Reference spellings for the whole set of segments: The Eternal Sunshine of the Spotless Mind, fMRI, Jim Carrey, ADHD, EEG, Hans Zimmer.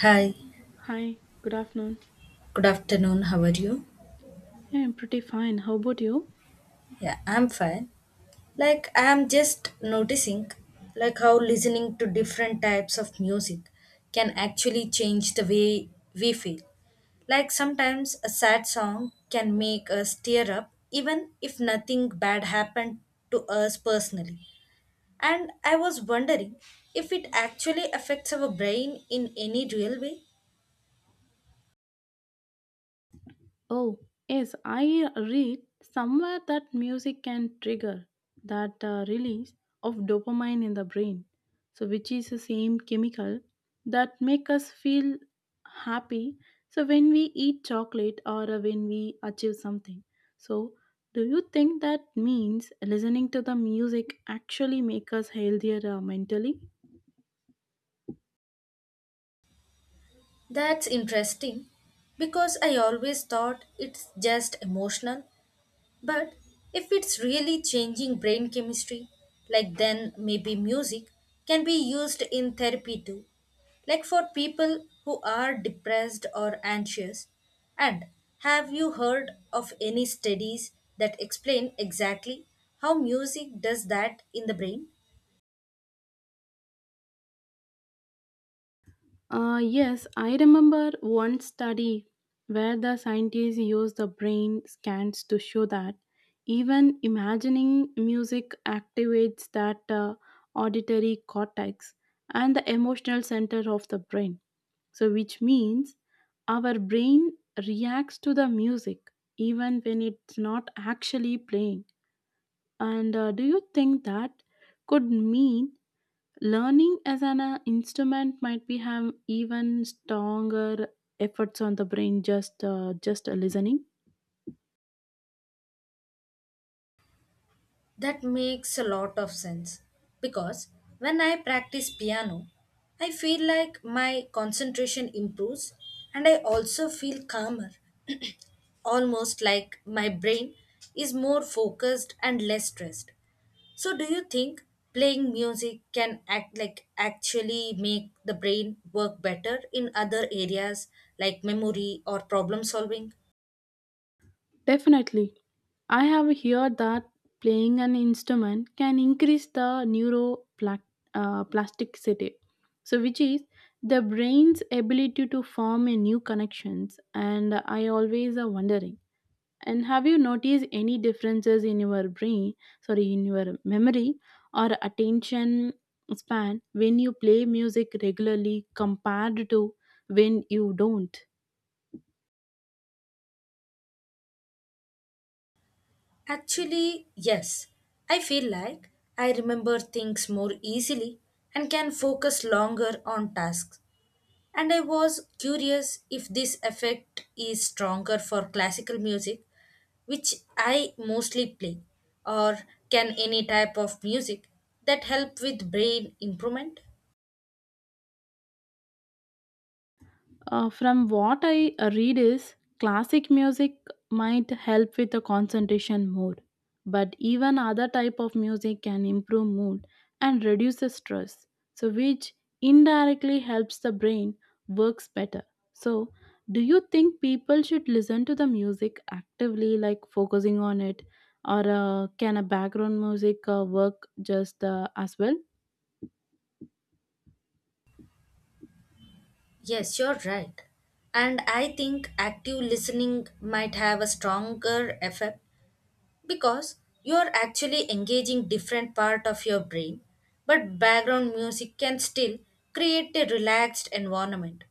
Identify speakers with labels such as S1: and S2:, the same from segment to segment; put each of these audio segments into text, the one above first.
S1: Hi,
S2: Hi, good afternoon.
S1: good afternoon. How are you?
S2: Yeah, I'm pretty fine. How about you?
S1: Yeah, I'm fine. I'm just noticing, how listening to different types of music can actually change the way we feel. Like, sometimes a sad song can make us tear up, even if nothing bad happened to us personally. And I was wondering if it actually affects our brain in any real way.
S2: Oh, yes, I read somewhere that music can trigger that release of dopamine in the brain. So which is the same chemical that make us feel happy. So when we eat chocolate or when we achieve something. So do you think that means listening to the music actually make us healthier mentally?
S1: That's interesting because I always thought it's just emotional, but if it's really changing brain chemistry, like then maybe music can be used in therapy too, like for people who are depressed or anxious. And have you heard of any studies that explain exactly how music does that in the brain?
S2: Yes, I remember one study where the scientists used the brain scans to show that even imagining music activates that auditory cortex and the emotional center of the brain. So, which means our brain reacts to the music even when it's not actually playing. And do you think that could mean learning as an instrument might be have even stronger efforts on the brain just listening.
S1: That makes a lot of sense because when I practice piano, I feel like my concentration improves and I also feel calmer, almost like my brain is more focused and less stressed. So do you think playing music can actually make the brain work better in other areas like memory or problem solving?
S2: Definitely, I have heard that playing an instrument can increase the neuroplasticity, uh, so which is the brain's ability to form a new connections. And I always are wondering And have you noticed any differences in your brain, sorry, in your memory or attention span when you play music regularly compared to when you don't?
S1: Actually, yes. I feel like I remember things more easily and can focus longer on tasks. And I was curious if this effect is stronger for classical music, which I mostly play, or can any type of music that help with brain improvement?
S2: From what I read is classic music might help with the concentration more, but even other type of music can improve mood and reduce the stress. So which indirectly helps the brain works better. So do you think people should listen to the music actively like focusing on it or can a background music work just as well?
S1: Yes, you're right. And I think active listening might have a stronger effect because you are actually engaging different part of your brain, but background music can still create a relaxed environment.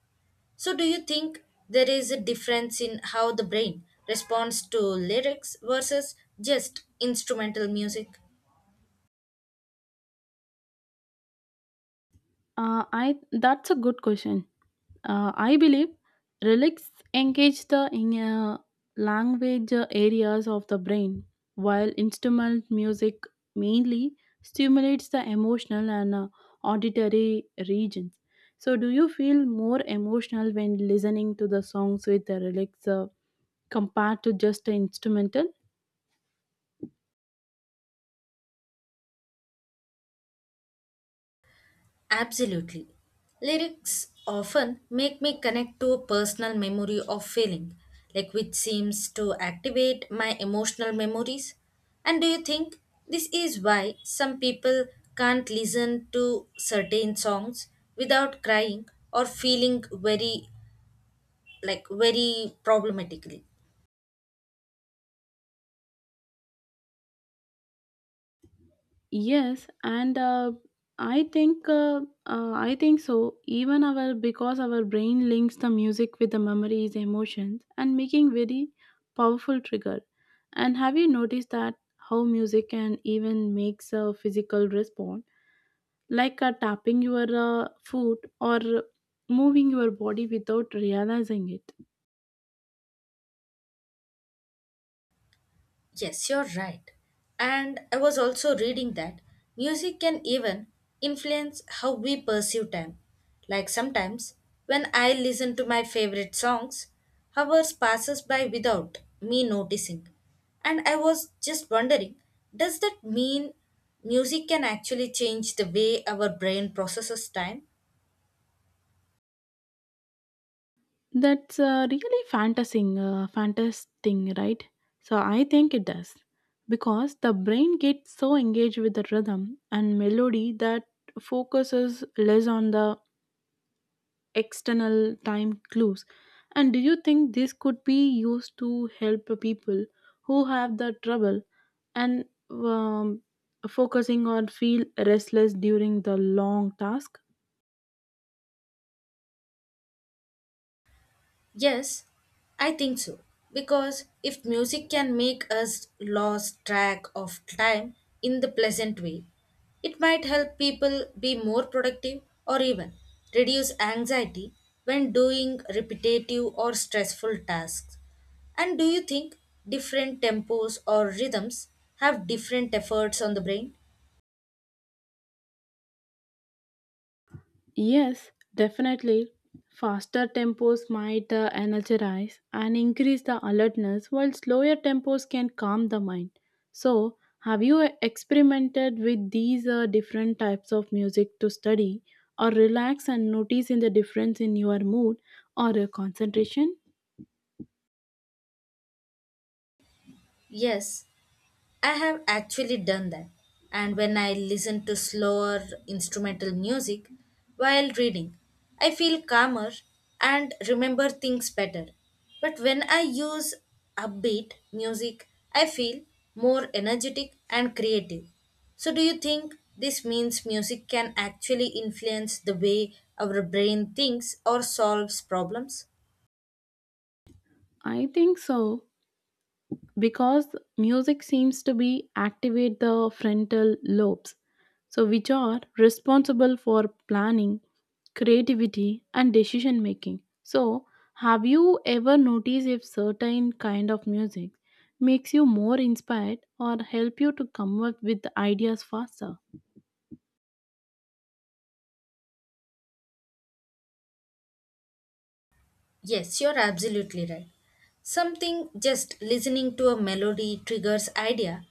S1: So do you think there is a difference in how the brain responds to lyrics versus just instrumental music?
S2: I that's a good question. I believe relics engage the language areas of the brain, while instrumental music mainly stimulates the emotional and auditory regions. So, do you feel more emotional when listening to the songs with the relics compared to just the instrumental?
S1: Absolutely. Lyrics often make me connect to a personal memory or feeling, like which seems to activate my emotional memories. And do you think this is why some people can't listen to certain songs without crying or feeling very problematically?
S2: Yes, and I think so. Even our because our brain links the music with the memories, emotions, and making very powerful trigger. And have you noticed that how music can even makes a physical response, like tapping your foot or moving your body without realizing it?
S1: Yes, you're right. And I was also reading that music can even influence how we perceive time. Like sometimes when I listen to my favorite songs, hours passes by without me noticing. And I was just wondering, does that mean music can actually change the way our brain processes time?
S2: That's really fantastic, right? So I think it does because the brain gets so engaged with the rhythm and melody that focuses less on the external time clues. And do you think this could be used to help people who have the trouble and um, focusing or feel restless during the long task?
S1: Yes, I think so. Because if music can make us lose track of time in the pleasant way, it might help people be more productive or even reduce anxiety when doing repetitive or stressful tasks. And do you think different tempos or rhythms have different efforts on the brain?
S2: Yes, definitely. Faster tempos might energize and increase the alertness, while slower tempos can calm the mind. So, have you experimented with these different types of music to study or relax and notice in the difference in your mood or your concentration?
S1: Yes, I have actually done that. And when I listen to slower instrumental music while reading, I feel calmer and remember things better. But when I use upbeat music, I feel more energetic and creative. So, do you think this means music can actually influence the way our brain thinks or solves problems?
S2: I think so, because music seems to be activate the frontal lobes so which are responsible for planning, creativity and decision making. So have you ever noticed if certain kind of music makes you more inspired or help you to come up with ideas faster?
S1: Yes, you're absolutely right. Something just listening to a melody triggers idea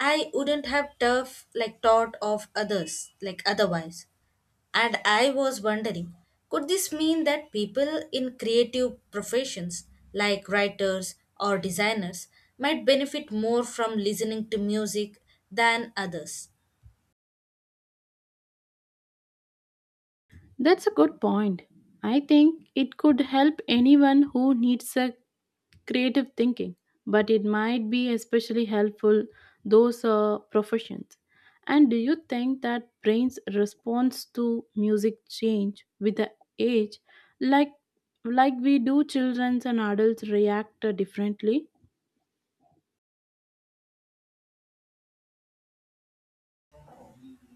S1: I wouldn't have tough like thought of others like otherwise. And I was wondering, could this mean that people in creative professions like writers or designers might benefit more from listening to music than others?
S2: That's a good point. I think it could help anyone who needs a creative thinking, but it might be especially helpful those professions. And do you think that brain's response to music change with the age, like like we do children's and adults react differently?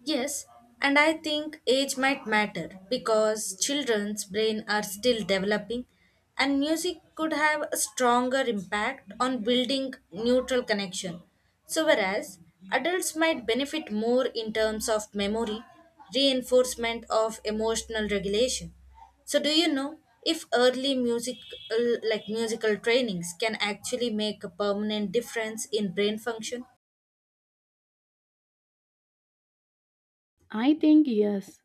S1: Yes, and I think age might matter because children's brain are still developing and music could have a stronger impact on building neutral connection. So whereas adults might benefit more in terms of memory, reinforcement of emotional regulation. So do you know if early music like musical trainings can actually make a permanent difference in brain function?
S2: I think yes.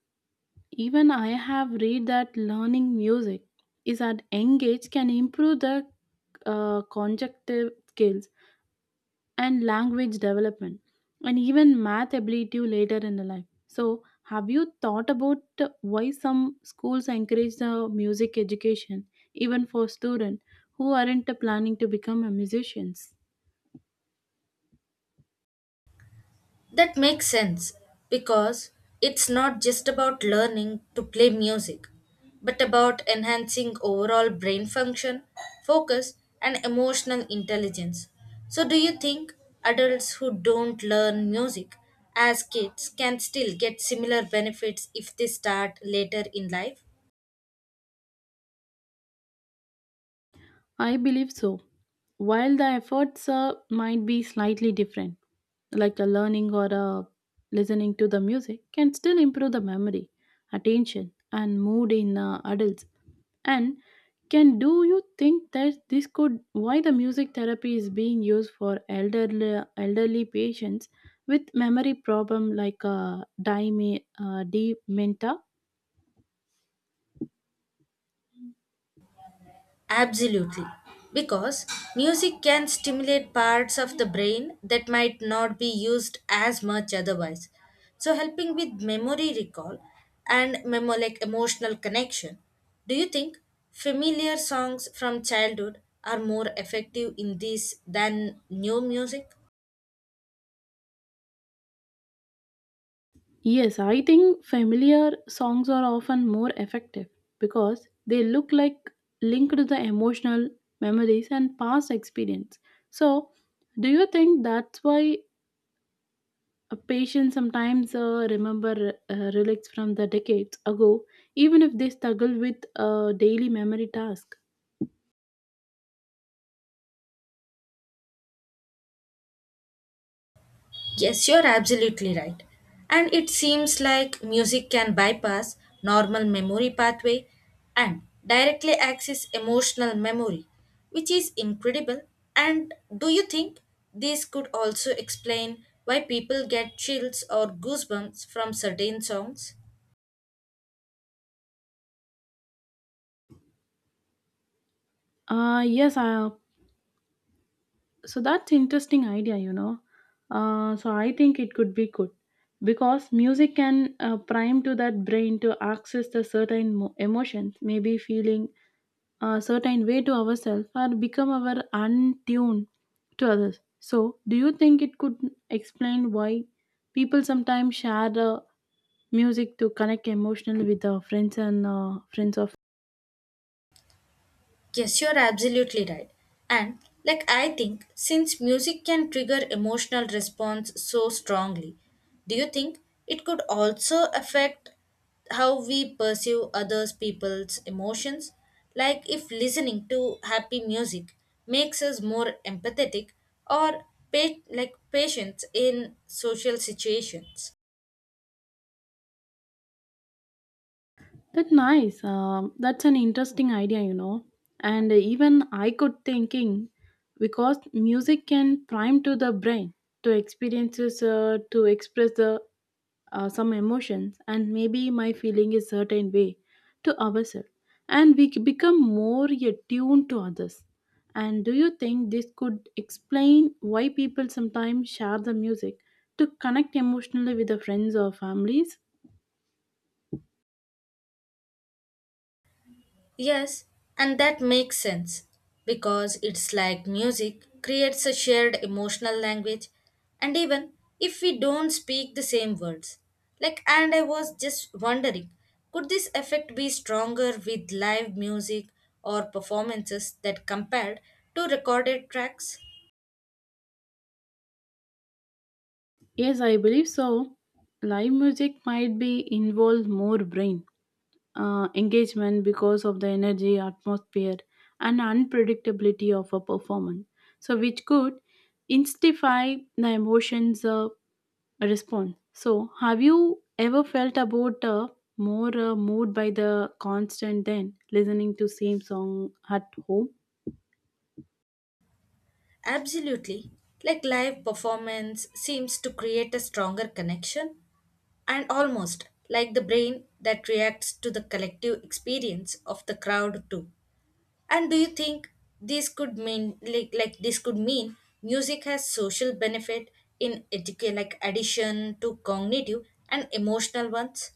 S2: Even I have read that learning music is at young age can improve the conjunctive skills and language development and even math ability later in the life. So, have you thought about why some schools encourage the music education even for students who aren't planning to become a musicians?
S1: That makes sense because it's not just about learning to play music, but about enhancing overall brain function, focus, and emotional intelligence. So, do you think adults who don't learn music as kids can still get similar benefits if they start later in life?
S2: I believe so. While the efforts might be slightly different, like a learning or a listening to the music can still improve the memory, attention and mood in adults. And can do you think that this could why the music therapy is being used for elderly patients with memory problem like dementia?
S1: Absolutely. Because music can stimulate parts of the brain that might not be used as much otherwise. So, helping with memory recall and emotional connection. Do you think familiar songs from childhood are more effective in this than new music?
S2: Yes, I think familiar songs are often more effective because they look like linked to the emotional memories and past experience. So, do you think that's why a patient sometimes remember relics from the decades ago, even if they struggle with a daily memory task?
S1: Yes, you're absolutely right. And it seems like music can bypass normal memory pathway and directly access emotional memory, which is incredible. And do you think this could also explain why people get chills or goosebumps from certain songs?
S2: Yes, so that's interesting idea, you know, so I think it could be good because music can prime to that brain to access the emotions, maybe feeling a certain way to ourselves or become our untuned to others. So do you think it could explain why people sometimes share the music to connect emotionally with their friends and friends of.
S1: Yes, you're absolutely right. And like I think since music can trigger emotional response so strongly, do you think it could also affect how we perceive others people's emotions? Like if listening to happy music makes us more empathetic or pa- like patient in social situations.
S2: That nice. That's an interesting idea, you know. And even I could thinking because music can prime to the brain to experiences to express the some emotions and maybe my feeling is certain way to ourselves and become more attuned to others. And do you think this could explain why people sometimes share the music to connect emotionally with the friends or families?
S1: Yes, and that makes sense because it's like music creates a shared emotional language, and even if we don't speak the same words. And I was just wondering, could this effect be stronger with live music or performances that compared to recorded tracks?
S2: Yes, I believe so. Live music might be involve more brain engagement because of the energy, atmosphere, and unpredictability of a performance. So, which could intensify the emotions response. So, have you ever felt about more moved by the constant than listening to same song at home?
S1: Absolutely. Like live performance seems to create a stronger connection and almost like the brain that reacts to the collective experience of the crowd too. And do you think this could mean music has social benefit in addition to cognitive and emotional ones?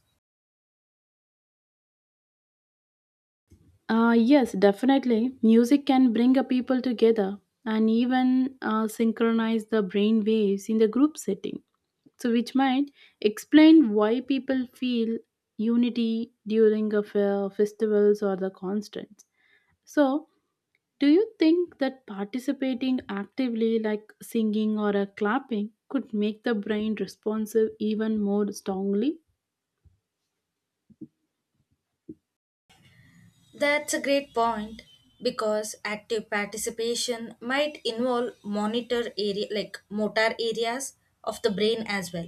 S2: Yes, definitely. Music can bring a people together and even synchronize the brain waves in the group setting. So, which might explain why people feel unity during a festivals or the concerts. So, do you think that participating actively, like singing or a clapping, could make the brain responsive even more strongly?
S1: That's a great point because active participation might involve monitor area like motor areas of the brain as well,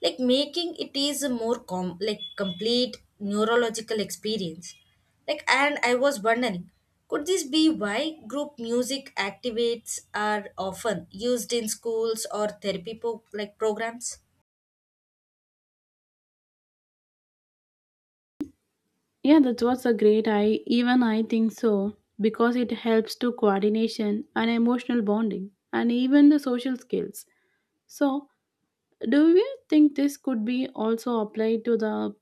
S1: like making it is a more com- like complete neurological experience. And I was wondering, could this be why group music activates are often used in schools or therapy po- like programs?
S2: Yeah, that was a great I even I think so because it helps to coordination and emotional bonding and even the social skills. So, do you think this could be also applied to the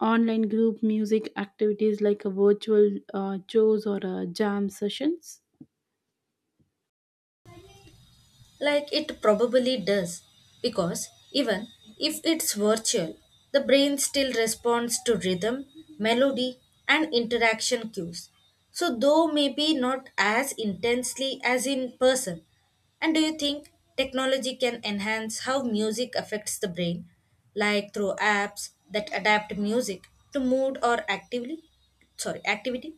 S2: online group music activities like a virtual shows or jam sessions?
S1: Like it probably does, because even if it's virtual, the brain still responds to rhythm, melody, and interaction cues. So, though maybe not as intensely as in person. And do you think technology can enhance how music affects the brain, like through apps that adapt music to mood or actively? Sorry, activity?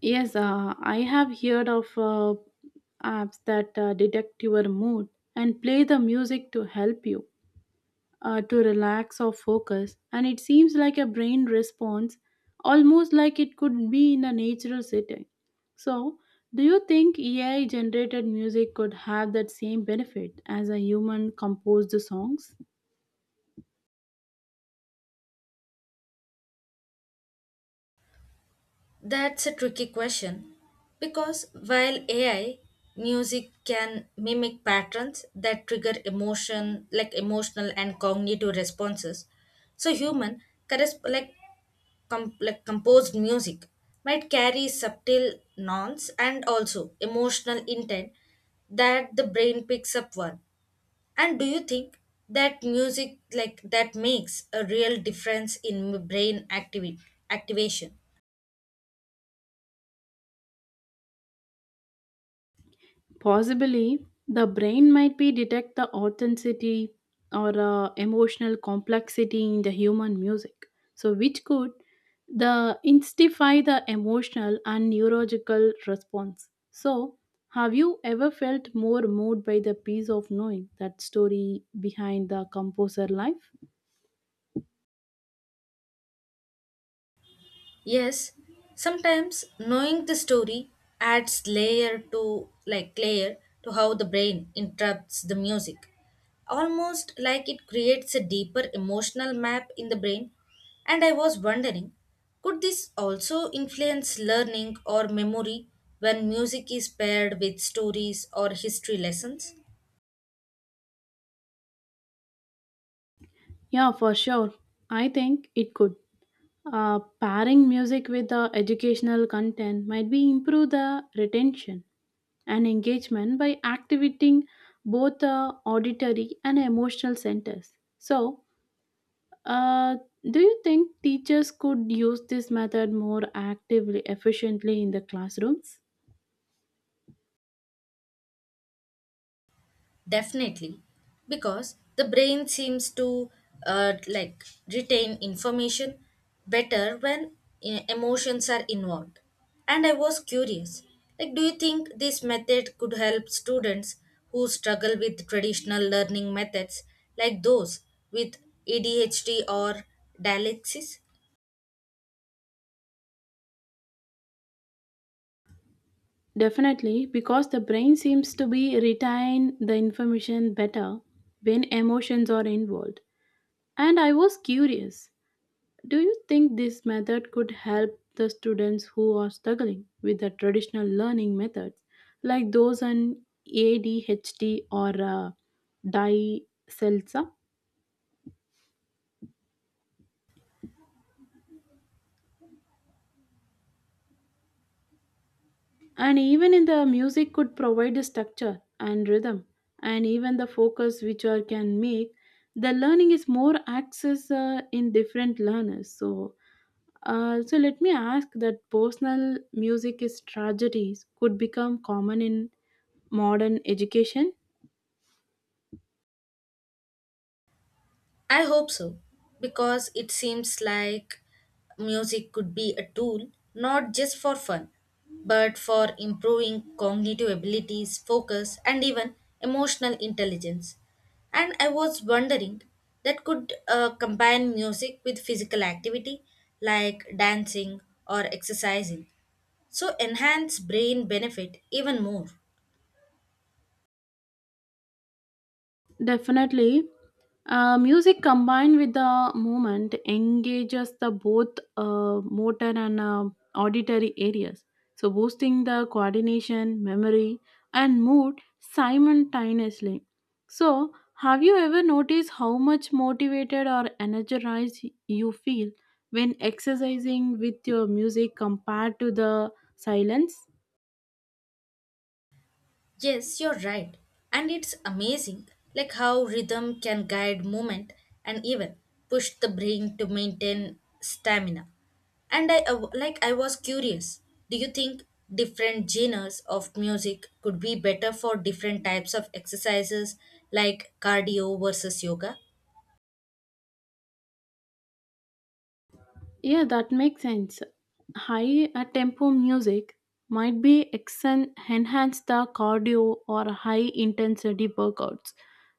S2: Yes, I have heard of apps that detect your mood and play the music to help you to relax or focus, and it seems like a brain response almost like it could be in a natural setting. So, do you think AI generated music could have that same benefit as a human composed songs?
S1: That's a tricky question because while AI music can mimic patterns that trigger emotional and cognitive responses, so human corres- like, com- like composed music might carry subtle nuance and also emotional intent that the brain picks up one. And do you think that music like that makes a real difference in brain activity activation?
S2: Possibly, the brain might be detect the authenticity or emotional complexity in the human music. So, which could the instify the emotional and neurological response. So, have you ever felt more moved by the piece of knowing that story behind the composer life?
S1: Yes, sometimes knowing the story adds layer to how the brain interprets the music. Almost like it creates a deeper emotional map in the brain. And I was wondering, could this also influence learning or memory when music is paired with stories or history lessons?
S2: Yeah, for sure. I think it could. Pairing music with the educational content might be improve the retention and engagement by activating both the auditory and emotional centers. So, uh, do you think teachers could use this method more actively, efficiently in the classrooms?
S1: Definitely, because the brain seems to uh, like retain information better when emotions are involved. And I was curious, do you think this method could help students who struggle with traditional learning methods, like those with ADHD or dyslexia?
S2: Definitely, because the brain seems to be retain the information better when emotions are involved. And I was curious, do you think this method could help the students who are struggling with the traditional learning methods, like those on ADHD or DICELSA? And even in the music, could provide the structure and rhythm, and even the focus which are can make the learning is more access in different learners. So, so let me ask that personal music is tragedies could become common in modern education.
S1: I hope so, because it seems like music could be a tool not just for fun, but for improving cognitive abilities, focus, and even emotional intelligence. And I was wondering, that could combine music with physical activity like dancing or exercising, so enhance brain benefit even more.
S2: Definitely. Music combined with the movement engages the both motor and auditory areas, so boosting the coordination, memory, and mood simultaneously. So, have you ever noticed how much motivated or energized you feel when exercising with your music compared to the silence?
S1: Yes, you're right. And it's amazing like how rhythm can guide movement and even push the brain to maintain stamina. And I was curious. Do you think different genres of music could be better for different types of exercises like cardio versus yoga?
S2: Yeah, that makes sense. High tempo music might be enhance the cardio or high intensity workouts,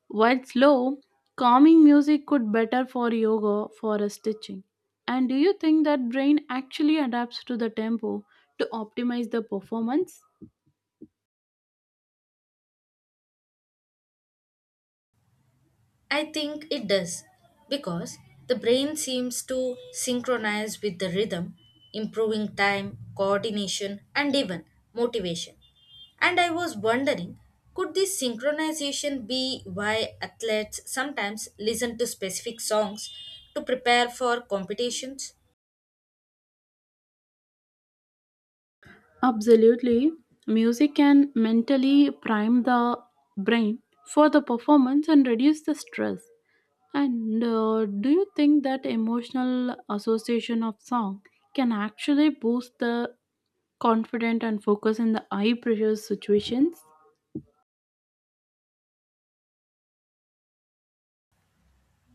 S2: while slow, calming music could better for yoga for a stitching. And do you think that brain actually adapts to the tempo to optimize the performance?
S1: I think it does because the brain seems to synchronize with the rhythm, improving time, coordination, and even motivation. And I was wondering, could this synchronization be why athletes sometimes listen to specific songs to prepare for competitions?
S2: Absolutely. Music can mentally prime the brain for the performance and reduce the stress. And do you think that emotional association of song can actually boost the confidence and focus in the high pressure situations?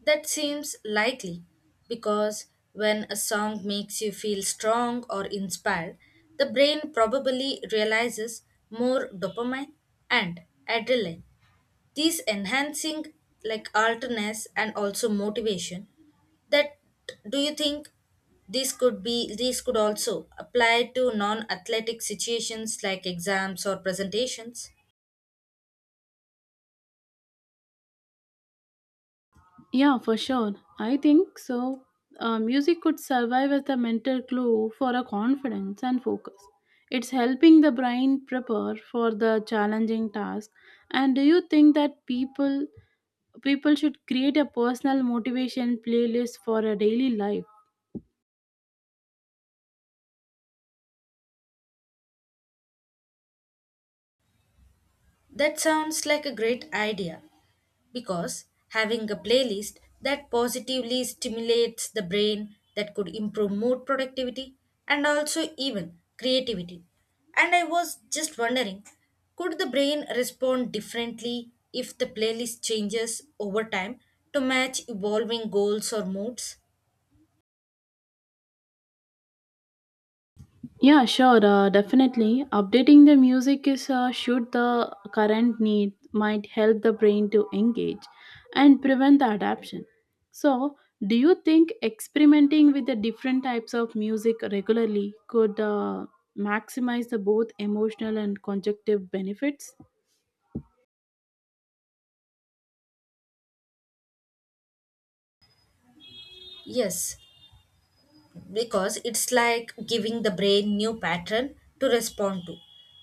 S1: That seems likely because when a song makes you feel strong or inspired, the brain probably realizes more dopamine and adrenaline. These enhancing like alertness and also motivation. That Do you think this could be these could also apply to non-athletic situations like exams or presentations?
S2: Yeah, for sure. I think so. Music could survive as a mental clue for a confidence and focus. It's helping the brain prepare for the challenging task. And do you think that people should create a personal motivation playlist for a daily life?
S1: That sounds like a great idea, because having a playlist that positively stimulates the brain that could improve mood productivity and also even creativity. And I was just wondering, could the brain respond differently if the playlist changes over time to match evolving goals or moods?
S2: Yeah, sure, definitely. Updating the music is should the current need might help the brain to engage and prevent the adaption. So, do you think experimenting with the different types of music regularly could maximize the both emotional and conjunctive benefits?
S1: Yes, because it's like giving the brain new pattern to respond to,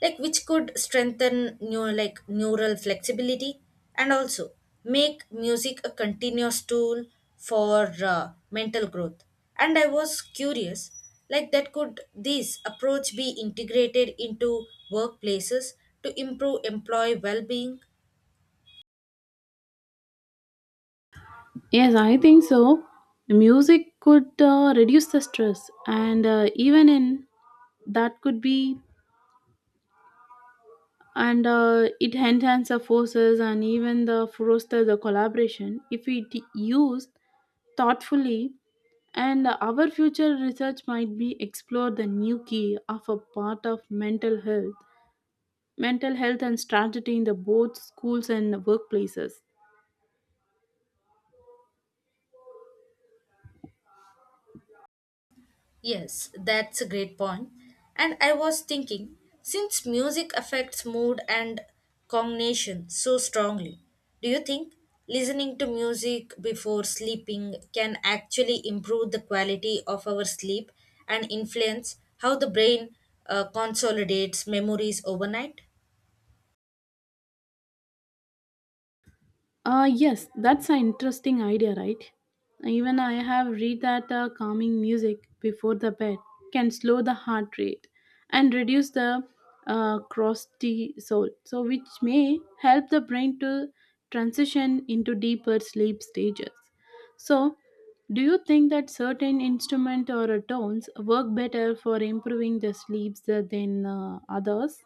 S1: which could strengthen new like neural flexibility and also make music a continuous tool for mental growth. And I was curious, like that could this approach be integrated into workplaces to improve employee well-being?
S2: Yes, I think so. Music could reduce the stress and even in that could be and it enhances our forces and even the foster the collaboration if it used thoughtfully, and our future research might be explore the new key of a part of mental health and strategy in the both schools and workplaces.
S1: Yes, that's a great point. And I was thinking, since music affects mood and cognition so strongly, do you think listening to music before sleeping can actually improve the quality of our sleep and influence how the brain consolidates memories overnight?
S2: Yes, that's an interesting idea, right? Even I have read that calming music before the bed can slow the heart rate and reduce the cortisol, so which may help the brain to transition into deeper sleep stages. So, do you think that certain instrument or tones work better for improving the sleeps than others?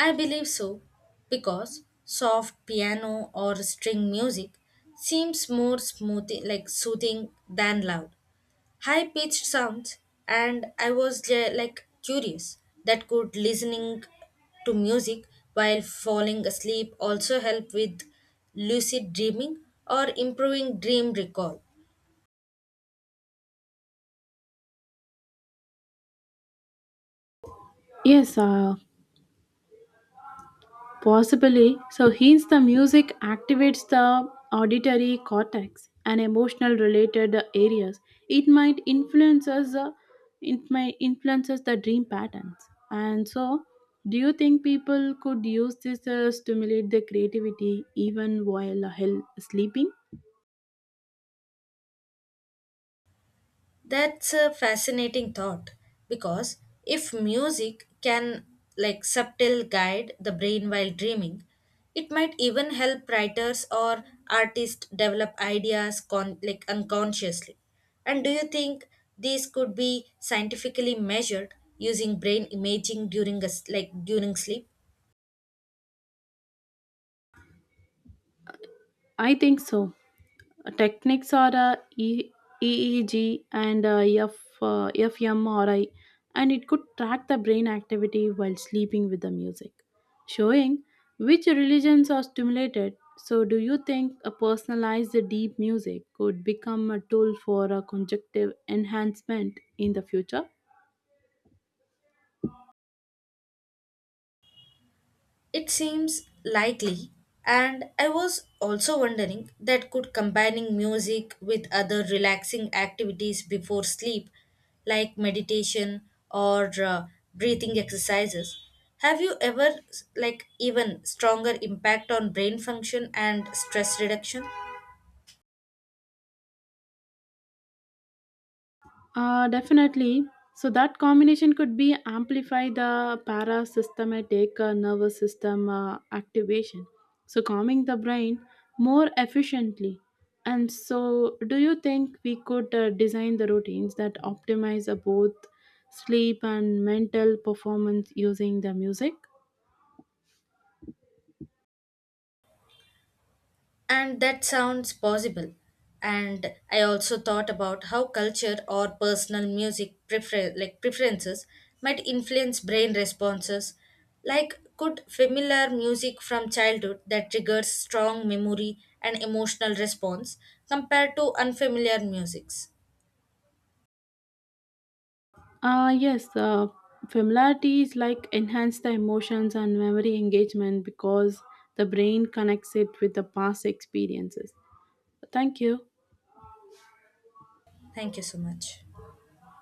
S1: I believe so, because soft piano or string music seems more smooth, like soothing than loud high pitched sounds. And I was curious, that could listening to music while falling asleep also help with lucid dreaming or improving dream recall?
S2: Yes, possibly, so hence the music activates the auditory cortex and emotional related areas. It might influence us, uh, it might influence us the dream patterns. And so, do you think people could use this to stimulate their creativity even while sleeping?
S1: That's a fascinating thought because if music can subtle guide the brain while dreaming, it might even help writers or artists develop ideas unconsciously. And do you think these could be scientifically measured using brain imaging during sleep?
S2: I think so. Techniques are EEG and fMRI, and it could track the brain activity while sleeping with the music, showing which religions are stimulated. So, do you think a personalized deep music could become a tool for a conjunctive enhancement in the future?
S1: It seems likely, and I was also wondering, that could combining music with other relaxing activities before sleep, like meditation or breathing exercises, have you ever like even stronger impact on brain function and stress reduction?
S2: Definitely. So that combination could be amplify the parasympathetic nervous system activation, so calming the brain more efficiently. And so, do you think we could design the routines that optimize both sleep and mental performance using the music?
S1: And that sounds possible. And I also thought about how culture or personal music prefer- like preferences might influence brain responses. Like could familiar music from childhood that triggers strong memory and emotional response compared to unfamiliar musics.
S2: Yes, familiarities like enhance the emotions and memory engagement because the brain connects it with the past experiences. Thank you.
S1: Thank you so much.